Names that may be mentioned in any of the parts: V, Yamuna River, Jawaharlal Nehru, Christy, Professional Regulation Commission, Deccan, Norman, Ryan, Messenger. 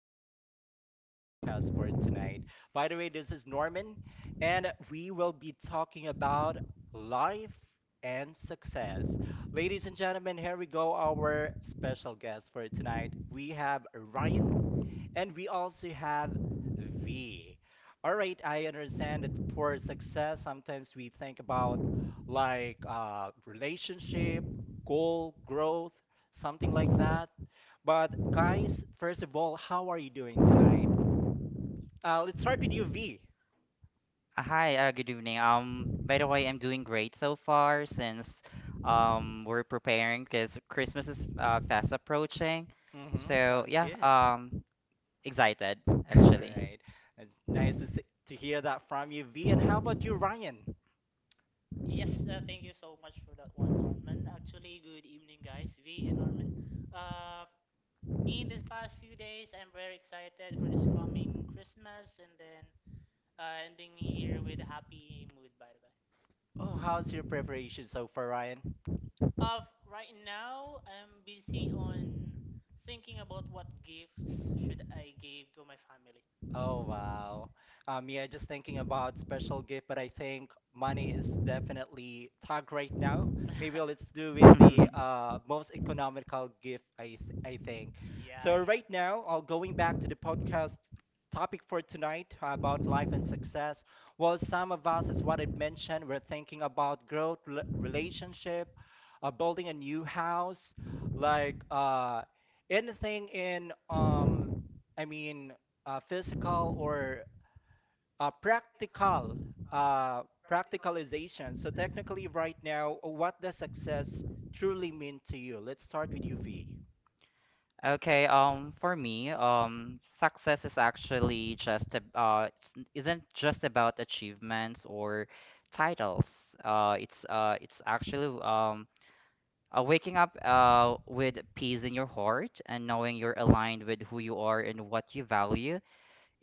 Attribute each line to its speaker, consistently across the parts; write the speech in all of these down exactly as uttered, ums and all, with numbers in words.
Speaker 1: welcome to our podcast for tonight. By the way, this is Norman, and we will be talking about life and success. Ladies and gentlemen, here we go, our special guest for tonight. We have Ryan, and we also have V. All right, I understand that for success, sometimes we think about like uh, relationship, goal, growth something like that. But guys, first of all, how are you doing tonight? Uh, let's start with you, V.
Speaker 2: Uh, Hi, uh, good evening. Um, by the way, I'm doing great so far since um we're preparing because Christmas is uh, fast approaching.
Speaker 1: Mm-hmm,
Speaker 2: So
Speaker 1: sounds
Speaker 2: yeah,
Speaker 1: good.
Speaker 2: um, excited
Speaker 1: All
Speaker 2: actually.
Speaker 1: right. It's nice to see, to hear that from you, V. And how about you, Ryan?
Speaker 3: Yes, uh, thank you so much for that one, Norman. Actually, good evening, guys. V and Norman. Uh, Me in these past few days, I'm very excited for this coming Christmas and then uh, ending year with a happy mood. By the way,
Speaker 1: Oh, how's your preparation so far, Ryan?
Speaker 3: of right now, I'm busy on thinking about what gifts should I give to my family.
Speaker 1: Oh wow. Um, yeah, just thinking about special gift, but I think money is definitely tag right now. Maybe let's do with the uh, most economical gift, I, s- I think.
Speaker 3: Yeah,
Speaker 1: So
Speaker 3: yeah.
Speaker 1: right now, I going back to the podcast topic for tonight uh, about life and success. Well, some of us, as what I mentioned, we're thinking about growth, rela- relationship, uh, building a new house, like uh, anything in um, I mean uh, physical or uh, practical uh, practicalization. So technically, right now, what does success truly mean to you? Let's start with you, V.
Speaker 2: Okay, um, for me, um, success is actually just a, uh, it's, n- isn't just about achievements or titles. Uh, it's uh, it's actually um, uh, waking up uh, with peace in your heart, and knowing you're aligned with who you are and what you value.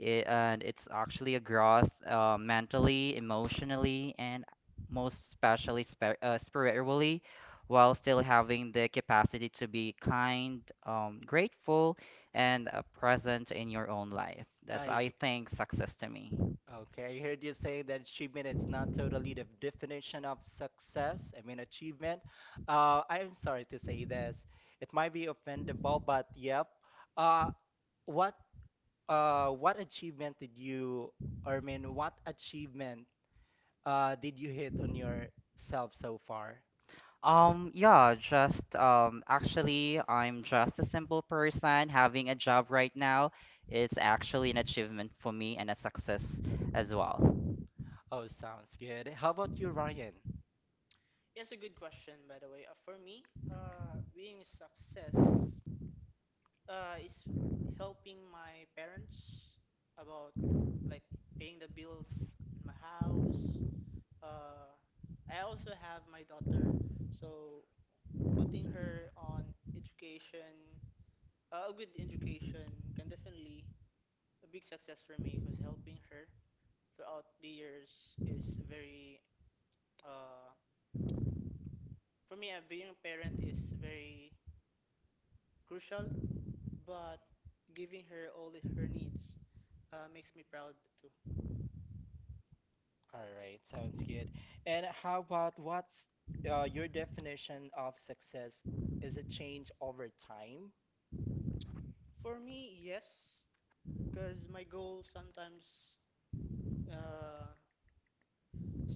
Speaker 2: It, and it's actually a growth uh, mentally, emotionally, and most especially spir uh, spiritually, while still having the capacity to be kind, um, grateful, and uh, present in your own life. That's,
Speaker 1: I he-
Speaker 2: I think, success to me.
Speaker 1: okay. I heard you say that achievement is not totally the definition of success. I mean achievement. Uh, I'm sorry to say this. It might be offendable, but yep. Uh, what uh, what achievement did you? Or I mean, what achievement? Uh, did you hit on yourself so far?
Speaker 2: Um, yeah, just um, actually, I'm just a simple person. Having a job right now is actually an achievement for me, and a success as well.
Speaker 1: Oh, sounds good. How about you, Ryan?
Speaker 3: That's a good question, by the way. Uh, for me, uh, being success uh, is helping my parents about, like, paying the bills in my house. Uh, I also have my daughter, so putting her on education, uh, a good education, can definitely a big success for me because helping her throughout the years is very, uh, for me. Uh, being a parent is very crucial, but giving her all of her needs uh, makes me proud too.
Speaker 1: All right, sounds good. And how about what's uh, your definition of success? Is it change over time?
Speaker 3: For me, yes, because my goal sometimes, uh,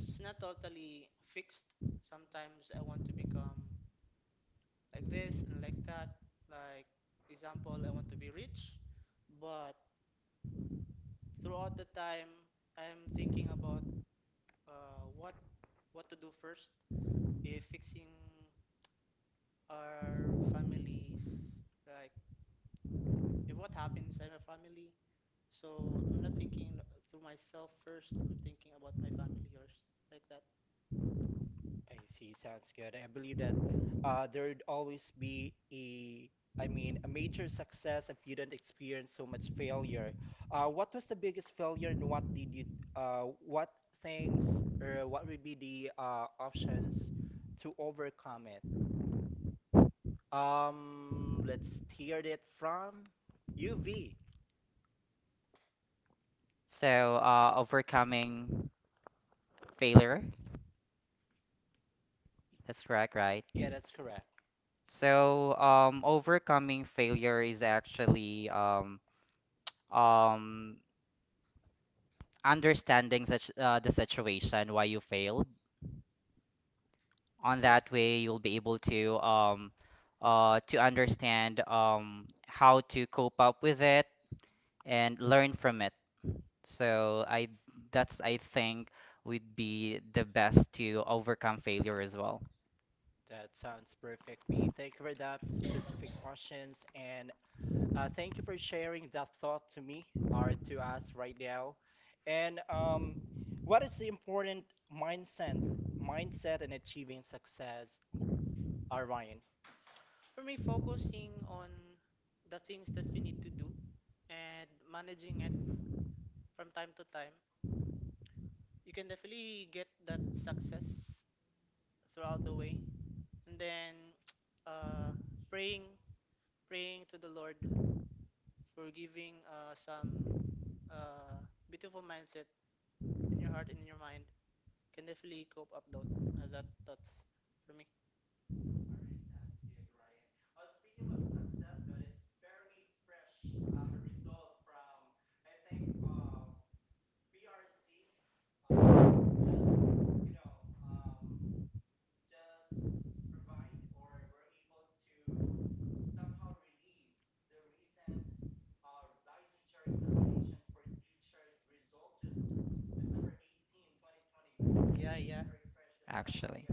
Speaker 3: it's not totally fixed. Sometimes I want to become like this and like that. Like example, I want to be rich, but throughout the time, I'm thinking about uh, what what to do first. If fixing our families, like if what happens in our family, so I'm not thinking through myself first. I'm thinking about my family first, like that.
Speaker 1: I see. Sounds good. I believe that uh, there'd always be a, I mean, a major success if you do not experience so much failure. Uh, what was the biggest failure and what did you, uh, what things or what would be the uh, options to overcome it? Um, let's hear it from U V.
Speaker 2: So, uh, overcoming. Failure. That's correct, right?
Speaker 1: Yeah, that's correct.
Speaker 2: So, um, overcoming failure is actually um, um, understanding such uh, the situation why you failed. On
Speaker 1: Yep.
Speaker 2: that way, you'll be able to um, uh, to understand um, how to cope up with it and learn from it. So, I that's I think would be the best to overcome failure as well,
Speaker 1: That sounds perfect, V. Thank you for that specific questions, and Uh, thank you for sharing that thought to me or to us right now. And um, what is the important mindset mindset in achieving success, uh, Ryan?
Speaker 3: For me, focusing on the things that you need to do and managing it from time to time, you can definitely get that success throughout the way. And then uh, praying, praying to the Lord for giving uh, some uh, beautiful mindset in your heart and in your mind can definitely cope up those uh, that thoughts for me. Yeah, yeah.
Speaker 2: actually.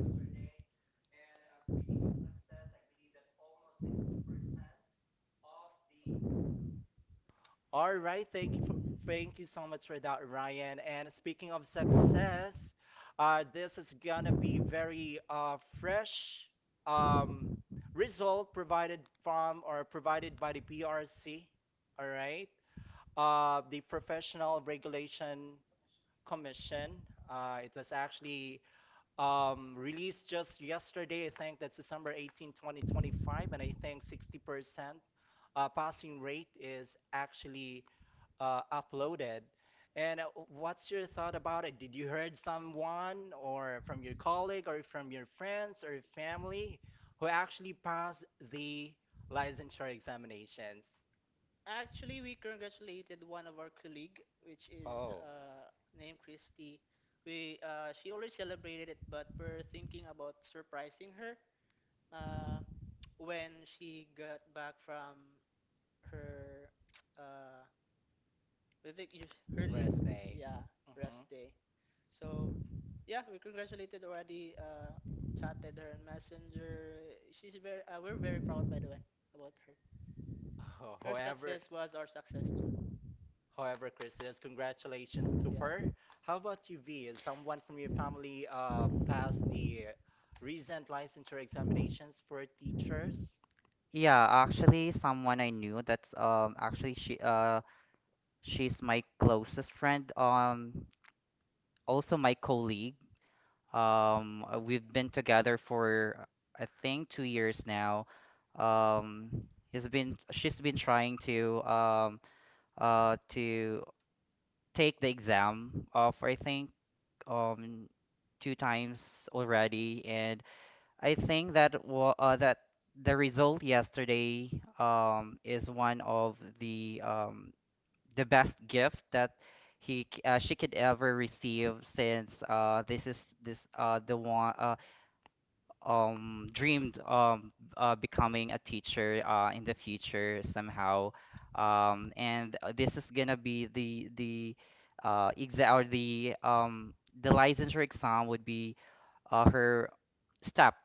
Speaker 1: All right, thank you for Thank you so much for that, Ryan. And speaking of success, uh, this is gonna be very uh, fresh um, result provided from or provided by the P R C. All right, uh, the Professional Regulation Commission. Uh, it was actually um, released just yesterday. I think that's December eighteenth, twenty twenty-five, and I think sixty percent uh, passing rate is actually uh, uploaded. And uh, what's your thought about it? Did you heard someone or from your colleague or from your friends or family who actually passed the licensure examinations?
Speaker 3: Actually, we congratulated one of our colleague, which is
Speaker 1: Oh,
Speaker 3: uh, named Christy. We uh, She already celebrated it, but we're thinking about surprising her uh, when she got back from her uh, what is it? Her leave.
Speaker 1: rest day.
Speaker 3: Yeah, rest
Speaker 1: Hmm.
Speaker 3: day. So, yeah, we congratulated already. Uh, chatted her on Messenger. She's very. Uh, we're very proud, by the way, about her.
Speaker 1: Ho-
Speaker 3: Her
Speaker 1: However,
Speaker 3: success was our success too.
Speaker 1: however, Christmas, congratulations to
Speaker 3: Yes.
Speaker 1: her. How about you, V? Is someone from your family uh, passed the recent licensure examinations for teachers?
Speaker 2: Yeah, actually, someone I knew, that's um actually she uh she's my closest friend, um also my colleague. Um uh, we've been together for, I think, two years now. Um he's been She's been trying to um uh to take the exam, of I think, um two times already. And I think that wa uh, that the result yesterday, um, is one of the um, the best gift that he c- uh, she could ever receive, since uh, this is this uh, the one uh, um, dreamed, um, uh, becoming a teacher uh, in the future somehow. Um, and uh, this is gonna be the the uh, exa or the um, the licensure exam would be uh, her step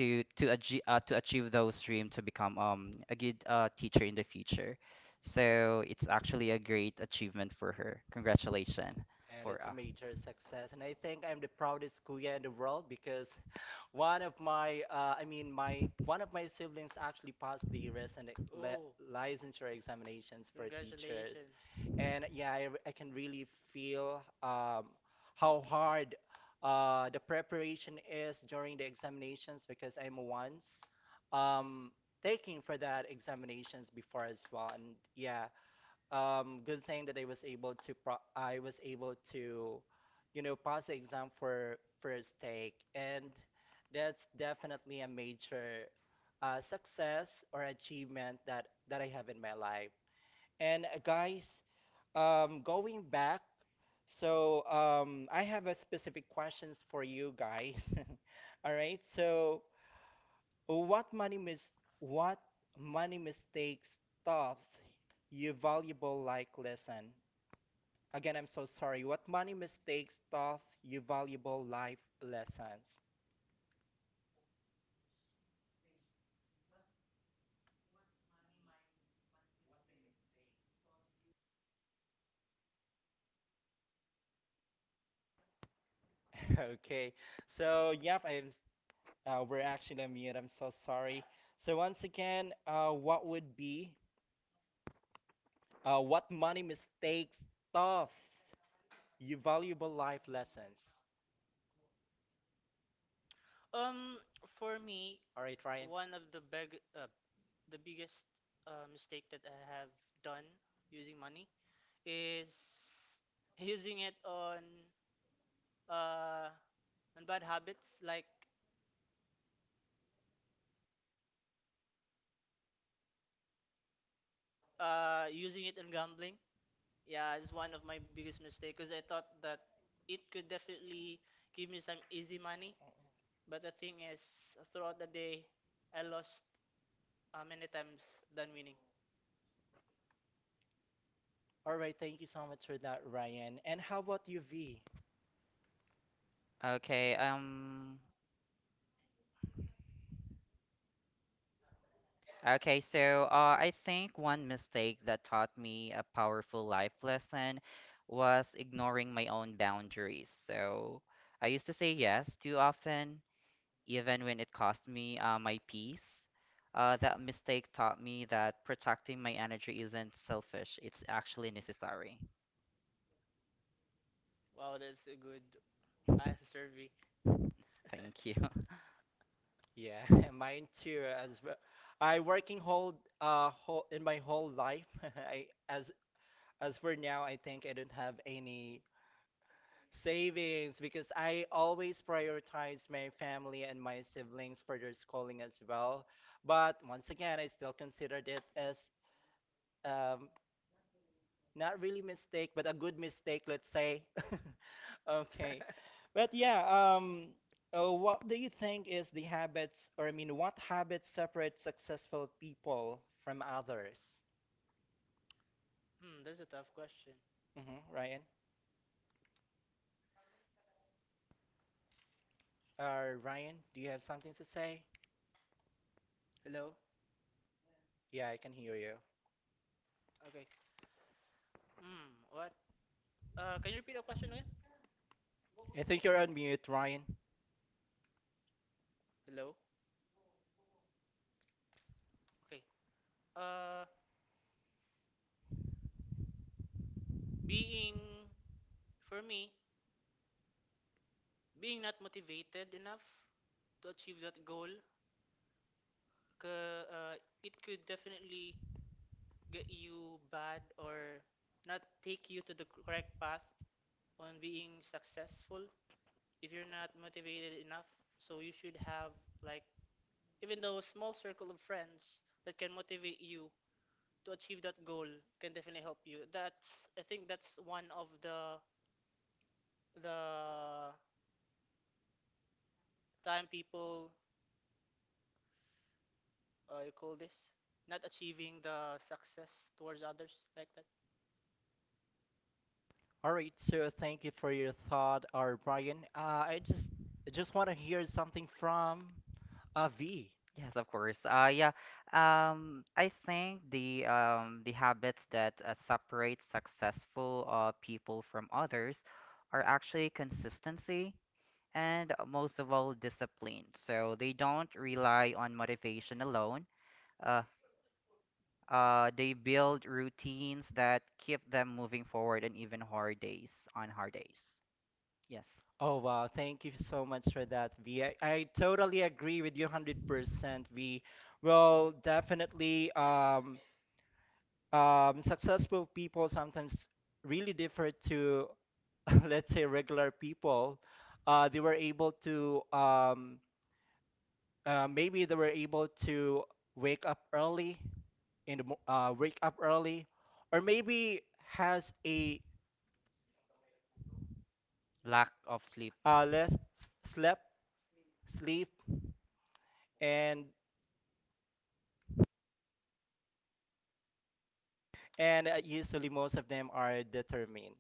Speaker 2: to to achieve uh, to achieve those dream, to become um a good uh, teacher in the future. So it's actually a great achievement for her. Congratulations
Speaker 1: And it's
Speaker 2: for
Speaker 1: a
Speaker 2: uh.
Speaker 1: major success. And I think I'm the proudest kuya in the world because One of my, uh, I mean, my one of my siblings actually passed the recent le
Speaker 3: Oh.
Speaker 1: licensure examinations for teachers,
Speaker 3: Congratulations.
Speaker 1: and yeah, I I can really feel um, how hard uh, the preparation is during the examinations because I'm once um, taking for that examinations before as well, and yeah, um, good thing that I was able to pro- I was able to, you know, pass the exam for first take, and that's definitely a major uh, success or achievement that that I have in my life. And uh, guys, um, going back, so um, I have a specific questions for you guys. All right, so what money mis what money mistakes taught you valuable like lesson? Again, I'm so sorry. What money mistakes taught you valuable life lessons? Okay, so yep, I'm. s- Uh, we're actually on mute. I'm so sorry. So once again, uh, what would be uh, what money mistakes taught you valuable life lessons?
Speaker 3: Um, for me,
Speaker 1: All right, Ryan.
Speaker 3: one of the big, uh, the biggest uh, mistake that I have done using money is using it on uh on bad habits like uh using it on gambling. Yeah, it's one of my biggest mistakes because I thought that it could definitely give me some easy money. But the thing is, throughout the day, I lost uh, many times than winning.
Speaker 1: All right, thank you so much for that, Ryan. And how about you, V?
Speaker 2: Okay, um okay, so uh I think one mistake that taught me a powerful life lesson was ignoring my own boundaries. So I used to say yes too often, even when it cost me uh, my peace. Uh, that mistake taught me that protecting my energy isn't selfish, it's actually necessary.
Speaker 3: Wow, that's a good answer, V.
Speaker 2: Thank you.
Speaker 1: Yeah, mine too as well. I working whole uh whole in my whole life. I, as As for now, I think I don't have any savings because I always prioritize my family and my siblings for their schooling as well. But once again, I still considered it as um, not really mistake, but a good mistake, let's say. Okay. But yeah, um, uh, what do you think is the habits, or I mean, what habits separate successful people from others?
Speaker 3: Hmm, that's a tough question.
Speaker 1: Hmm. Ryan? Uh, Ryan, do you have something to say?
Speaker 3: Hello?
Speaker 1: Yeah, I can hear you.
Speaker 3: Okay. Hmm, what? Uh, can you repeat the question again?
Speaker 1: I think you're on mute, Ryan.
Speaker 3: Hello? Okay. Uh, being, for me, being not motivated enough to achieve that goal, ca- uh, it could definitely get you bad or not take you to the correct path on being successful. If you're not motivated enough, so you should have, like, even though a small circle of friends that can motivate you to achieve that goal can definitely help you. That's, I think, that's one of the the time people, uh, you call this not achieving the success towards others, like that.
Speaker 1: All right, so thank you for your thought, or Brian. Uh, I just I just want to hear something from uh, V.
Speaker 2: Yes, of course. Uh, yeah. Um, I think the um, the habits that uh, separate successful uh, people from others are actually consistency, and uh, most of all, discipline. So they don't rely on motivation alone. Uh, Uh, they build routines that keep them moving forward, and even hard days on hard days. Yes.
Speaker 1: Oh wow, thank you so much for that, V. I, I totally agree with you one hundred percent, V. Well, definitely, um, um, successful people sometimes really differ to, let's say, regular people. Uh, they were able to um, uh, maybe they were able to wake up early in the mo- uh, wake up early or maybe has a
Speaker 2: Lack of sleep.
Speaker 1: uh, less s- slept sleep and and uh, usually most of them are determined.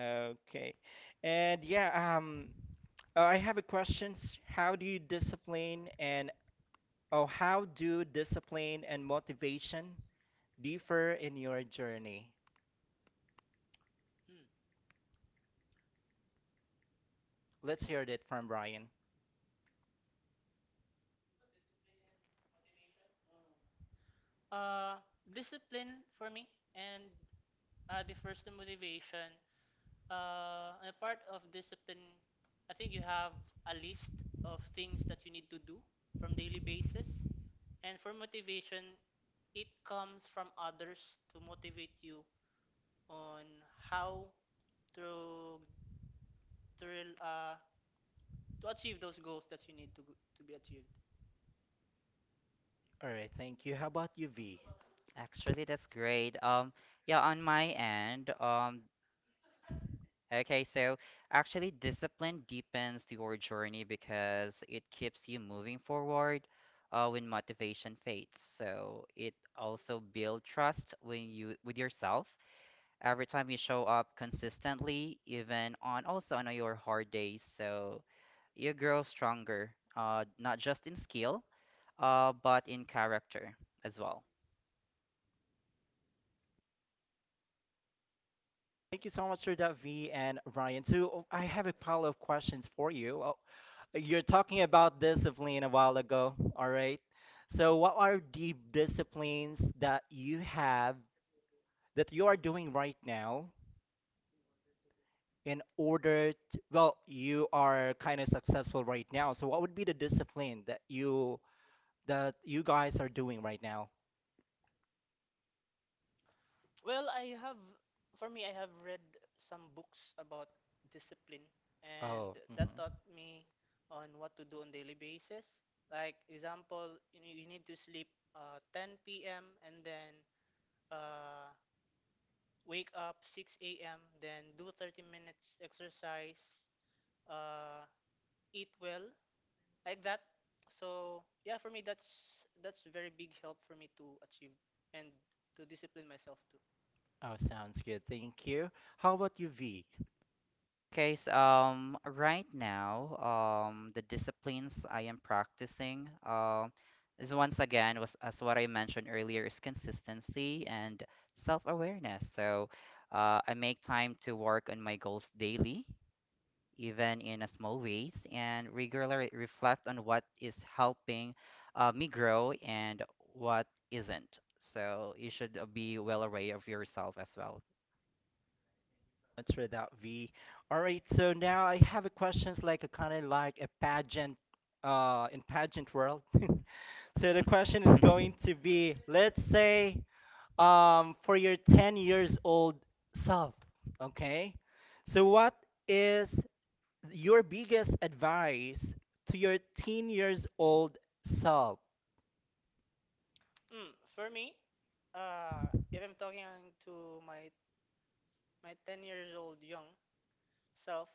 Speaker 1: Okay. And yeah, um uh, I have a questions how do you discipline and oh how do discipline and motivation differ in your journey?
Speaker 3: Hmm.
Speaker 1: Let's hear that from Brian.
Speaker 3: uh Discipline for me, and uh, the first motivation, uh a part of discipline, I think you have a list of things that you need to do from daily basis. And for motivation, it comes from others to motivate you on how to to uh to achieve those goals that you need to to be achieved.
Speaker 1: All right, thank you. How about you, V?
Speaker 2: Actually, that's great. Um, yeah, on my end, um, okay, so actually discipline deepens your journey because it keeps you moving forward uh, when motivation fades. So it also build trust when you with yourself. Every time you show up consistently, even on also on your hard days, so you grow stronger, uh, not just in skill, uh, but in character as well.
Speaker 1: Thank you so much for that, V and Ryan. So oh, I have a pile of questions for you. Oh, you're talking about discipline a while ago, all right? So what are the disciplines that you have that you are doing right now in order to, well, you are kind of successful right now. So what would be the discipline that you that you guys are doing right now?
Speaker 3: Well, I have, for me, I have read some books about discipline, and
Speaker 1: Oh, mhm.
Speaker 3: that taught me on what to do on daily basis. Like example, you, ne- you need to sleep uh, ten p m and then uh, wake up six a m. Then do thirty minutes exercise, uh, eat well, like that. So yeah, for me, that's that's very big help for me to achieve and to discipline myself too.
Speaker 1: Oh, sounds good. Thank you. How about you, V?
Speaker 2: Okay, so um, right now, um, the disciplines I am practicing, um, is once again, was, as what I mentioned earlier, is consistency and self-awareness. So, uh, I make time to work on my goals daily, even in a small ways, and regularly reflect on what is helping uh, me grow, and what isn't. So you should uh, be well aware of yourself as well.
Speaker 1: It's without V. All right, so now I have a questions like a kind of like a pageant, uh, in pageant world. So the question is going to be, let's say, um, for your ten years old self, okay? So what is your biggest advice to your ten years old self?
Speaker 3: Mm, for me, uh, if I'm talking to my my ten years old young self,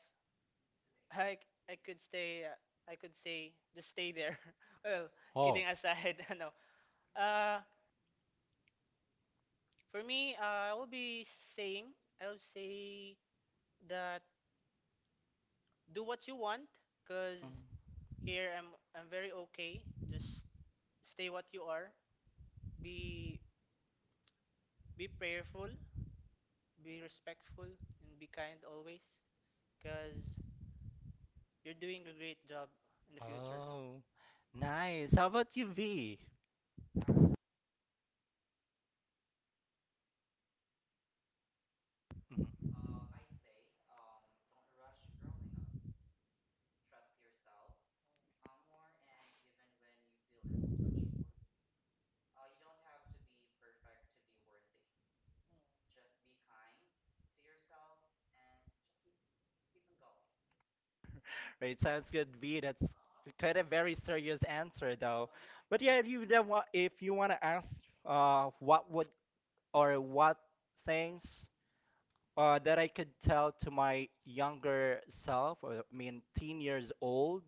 Speaker 3: I I could stay. Uh, I could say just stay there. well,
Speaker 1: Oh.
Speaker 3: kidding aside, no. Uh, for me, uh, I will be saying I will say that do what you want, cause
Speaker 1: Mm.
Speaker 3: here I'm I'm very okay. Just stay what you are. Be be prayerful, be respectful, and be kind always, cause you're doing a great job in the future.
Speaker 1: Oh, nice. How about you, V? Mm-hmm. Right, sounds good, V. That's kind of very serious answer though. But yeah, if you then want, if you want to ask, uh, what would or what things uh, that I could tell to my younger self, or I mean, teen years old,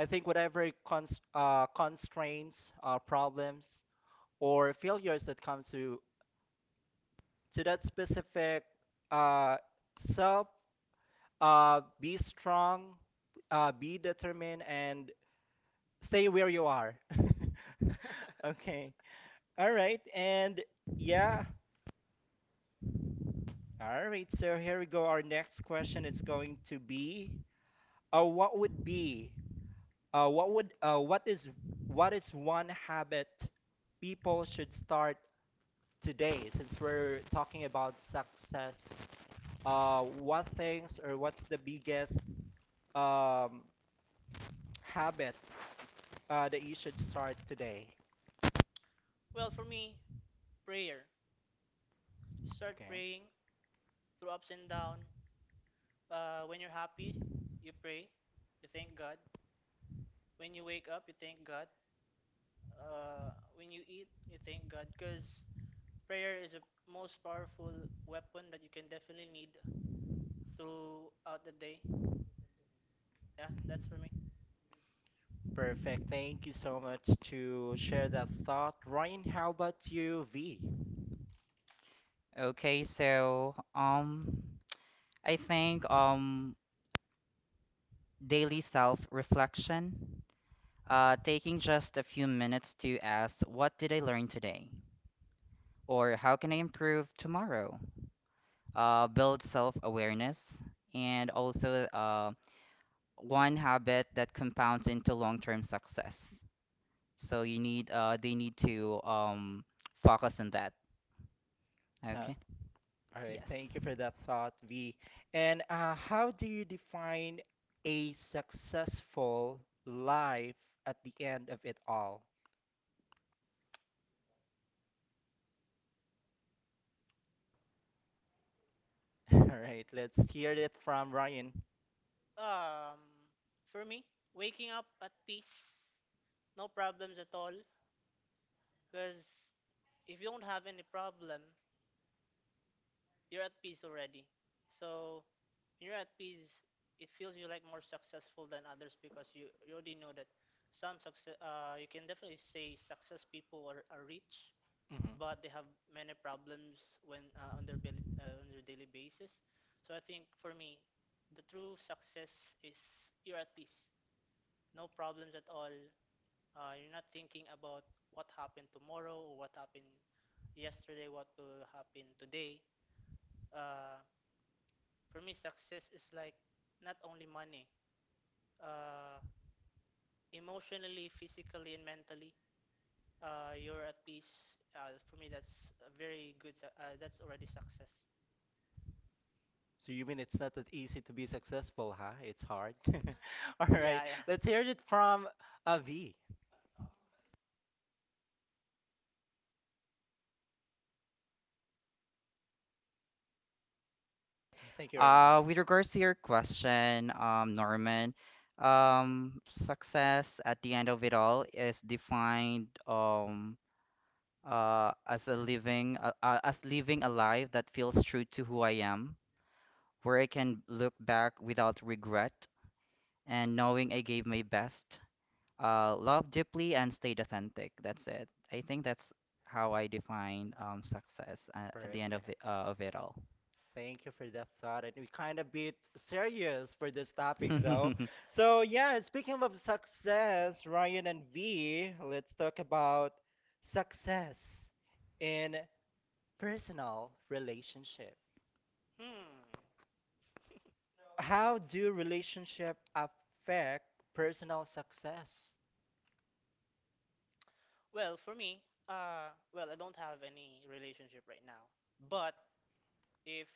Speaker 1: I think whatever cons uh, constraints, uh, problems, or failures that comes to to that specific uh, self, uh, be strong, uh, be determined, and stay where you are. Okay. All right. And yeah. All right. So here we go. Our next question is going to be uh what would be uh what would uh what is what is one habit people should start today. Since we're talking about success, uh what things or what's the biggest um habit uh that you should start today?
Speaker 3: well, for me, prayer. Start
Speaker 1: Okay.
Speaker 3: praying through ups and down. Uh, when you're happy, you pray. You thank God. When you wake up, you thank God. Uh, when you eat, you thank God. Because prayer is the most powerful weapon that you can definitely need throughout the day. Yeah, that's for me.
Speaker 1: Perfect. Thank you so much to share that thought. Ryan, how about you, V?
Speaker 2: Okay, so um, I think um, daily self-reflection, uh, taking just a few minutes to ask, what did I learn today? Or how can I improve tomorrow? Uh, build self-awareness, and also uh, one habit that compounds into long-term success. So you need uh they need to um focus on that.
Speaker 1: So,
Speaker 2: Okay.
Speaker 1: all right,
Speaker 2: Yes.
Speaker 1: thank you for that thought, V. And uh, how do you define a successful life at the end of it all? All right, let's hear it from Ryan.
Speaker 3: Um, for me, waking up at peace, no problems at all. Because if you don't have any problem, you're at peace already. So when you're at peace, it feels you like more successful than others, because you, you already know that some success, uh, you can definitely say success people are, are rich,
Speaker 1: Hmm.
Speaker 3: but they have many problems when, uh, on their daily, uh, on their daily basis. So I think for me, the true success is you're at peace, no problems at all, uh, you're not thinking about what happened tomorrow or what happened yesterday, what will happen today. Uh, for me, success is like not only money, uh, emotionally, physically, and mentally. Uh, you're at peace. Uh, for me, that's a very good. Su- Uh, that's already success.
Speaker 1: So you mean it's not that easy to be successful, huh? It's hard. All right,
Speaker 3: Yeah, yeah.
Speaker 1: let's hear it from uh, V. I think you're on mute.
Speaker 2: Uh with regards to your question, um Norman, um success at the end of it all is defined um uh as a living uh, uh, as living a life that feels true to who I am, where I can look back without regret, and knowing I gave my best. Uh, love deeply and stayed authentic. That's it. I think that's how I define um, success uh, at the end of
Speaker 1: Perfect.
Speaker 2: the uh, of it all.
Speaker 1: Thank you for that thought. And we kind of bit serious for this topic, though. So, yeah, speaking of success, Ryan and V, let's talk about success in personal relationship.
Speaker 3: Hmm.
Speaker 1: How do relationship affect personal success?
Speaker 3: Well, for me, uh, well, I don't have any relationship right now. But if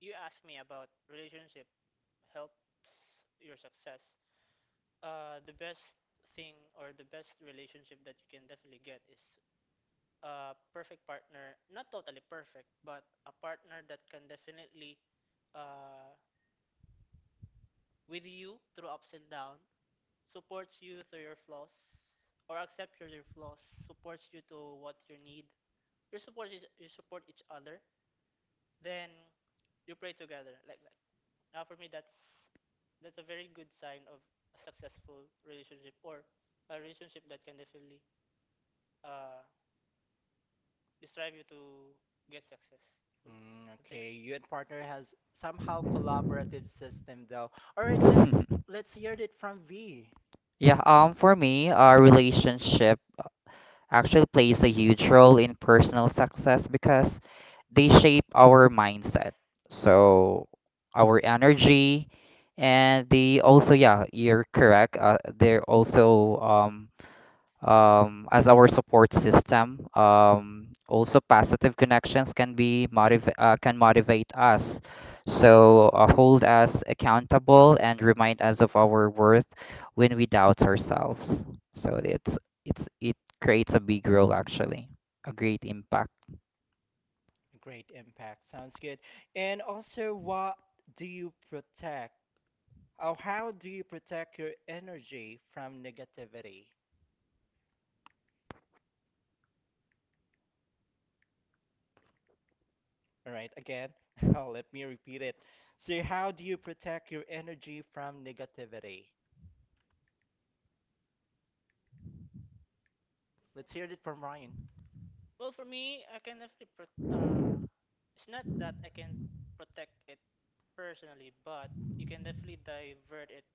Speaker 3: you ask me about relationship helps your success, Uh, the best thing or the best relationship that you can definitely get is a perfect partner, not totally perfect, but a partner that can definitely uh, with you through ups and down, supports you through your flaws or accept your, your flaws, supports you to what you need. You support each- you support each other, then you pray together, like that. Now for me, that's that's a very good sign of a successful relationship or a relationship that can definitely uh, this drive you to get successful,
Speaker 1: Mm,
Speaker 3: I think.
Speaker 1: okay, you and partner has somehow collaborative system, though. All right, let's let's hear it from V.
Speaker 2: Yeah, um, for me, a relationship actually plays a huge role in personal success because they shape our mindset. So our energy, and they also, yeah, you're correct. Uh, they're also um um, as our support system. Um, also, positive connections can be motiv- uh, can motivate us. So uh, hold us accountable and remind us of our worth when we doubt ourselves. So it's it's it creates a big role actually, a great impact.
Speaker 1: Great impact. Sounds good. And also, what do you protect? Or how do you protect your energy from negativity? All right, again, oh, let me repeat it. So, how do you protect your energy from negativity? Let's hear it from Ryan.
Speaker 3: Well, for me, I can definitely pro- uh it's not that I can protect it personally, but you can definitely divert it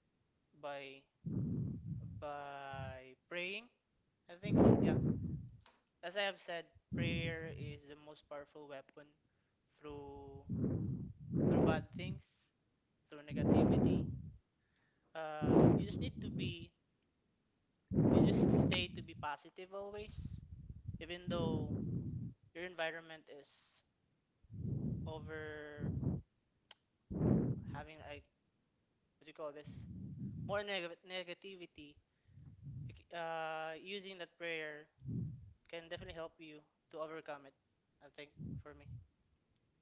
Speaker 3: by by praying, I think. Yeah, as I have said, prayer is the most powerful weapon through through bad things, through negativity. Uh you just need to be, you just stay to be positive always, even though your environment is over having, like, what do you call this, more neg- negativity. You, c- uh, using that prayer can definitely help you to overcome it, I think, for me.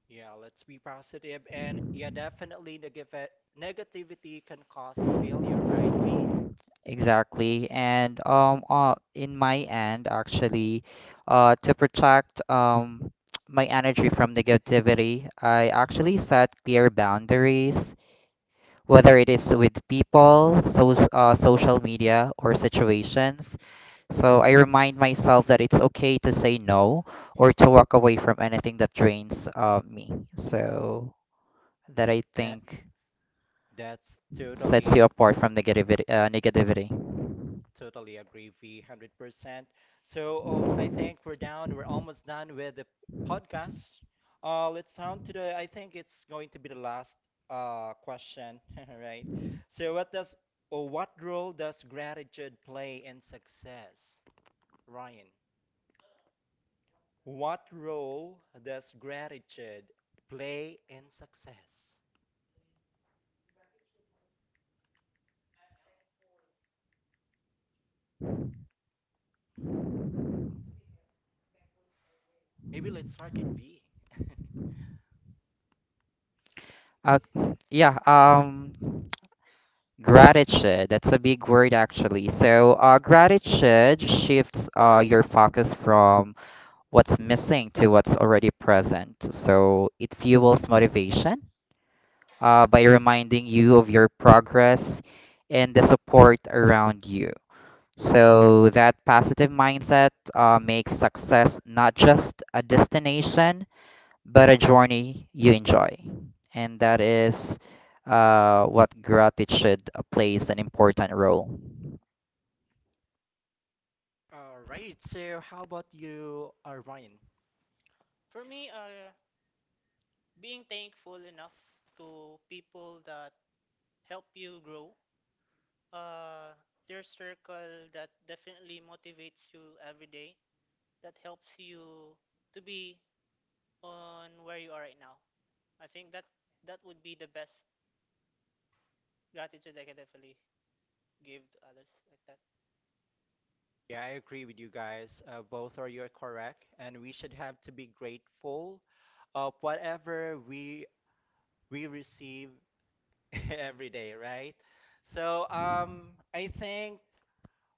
Speaker 1: Yeah, let's be positive. And yeah, definitely negative negativity can cause failure, right, V?
Speaker 2: Exactly, and um, uh, in my end actually, uh, to protect um my energy from negativity, I actually set clear boundaries, whether it is with people, so, uh, social media, or situations. So I remind myself that it's okay to say no, or to walk away from anything that drains uh, me. So that, I
Speaker 1: That
Speaker 2: think,
Speaker 1: that's
Speaker 2: sets
Speaker 1: totally
Speaker 2: you apart from negativity. Uh, negativity.
Speaker 1: Totally agree, V, one hundred percent. So, oh, I think we're down. We're almost done with the podcast. Uh, let's down to the, I think it's going to be the last uh, question, right? So, what does, or what role does gratitude play in success, Ryan? What role does gratitude play in success? Maybe let's start with V.
Speaker 2: Uh, yeah. Um, gratitude. That's a big word actually. So uh, gratitude shifts uh, your focus from what's missing to what's already present. So it fuels motivation uh, by reminding you of your progress and the support around you. So that positive mindset uh, makes success not just a destination, but a journey you enjoy. And that is uh, what gratitude plays an important role.
Speaker 1: All right, so how about you, uh, Ryan?
Speaker 3: For me, uh, being thankful enough to people that help you grow, uh, their circle that definitely motivates you every day, that helps you to be on where you are right now. I think that that would be the best gratitude I can definitely give to others, like that.
Speaker 1: Yeah, I agree with you guys. Uh, both are you're correct, and we should have to be grateful of whatever we we receive every day, right? So, um, I think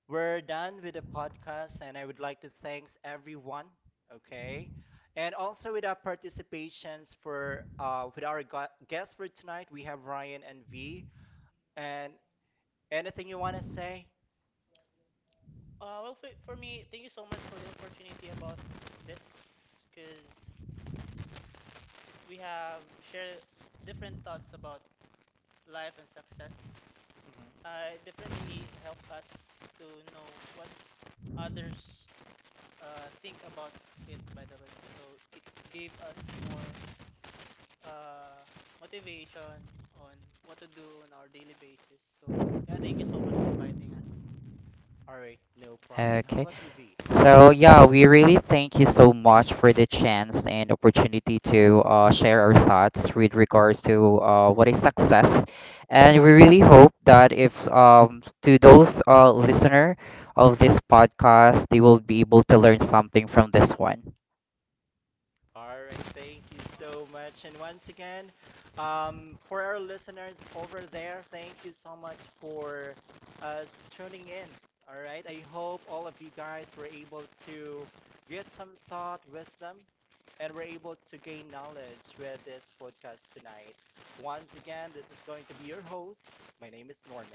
Speaker 1: we're done with the podcast, and I would like to thanks everyone. Okay, and also with our participations for uh, with our gu- guests for tonight, we have Ryan and V. And anything you want to say?
Speaker 3: Uh, well, for, for me, thank you so much for the opportunity about this because we have shared different thoughts about life and success.
Speaker 1: Mhm.
Speaker 3: Uh, it definitely helped us to know what others uh, think about it, by the way. So it gave us more uh, motivation on what to do on our daily basis. So, yeah, thank you so much for inviting us.
Speaker 1: All right, no problem. How
Speaker 2: Okay.
Speaker 1: about you, V?
Speaker 2: So yeah, we really thank you so much for the chance and opportunity to uh, share our thoughts with regards to uh, what is success, and we really hope that if um to those uh, listener of this podcast, they will be able to learn something from this one.
Speaker 1: All right, thank you so much. And once again, um, for our listeners over there, thank you so much for uh, tuning in. All right, I hope all of you guys were able to get some thought, wisdom, and were able to gain knowledge with this podcast tonight. Once again, this is going to be your host. My name is Norman.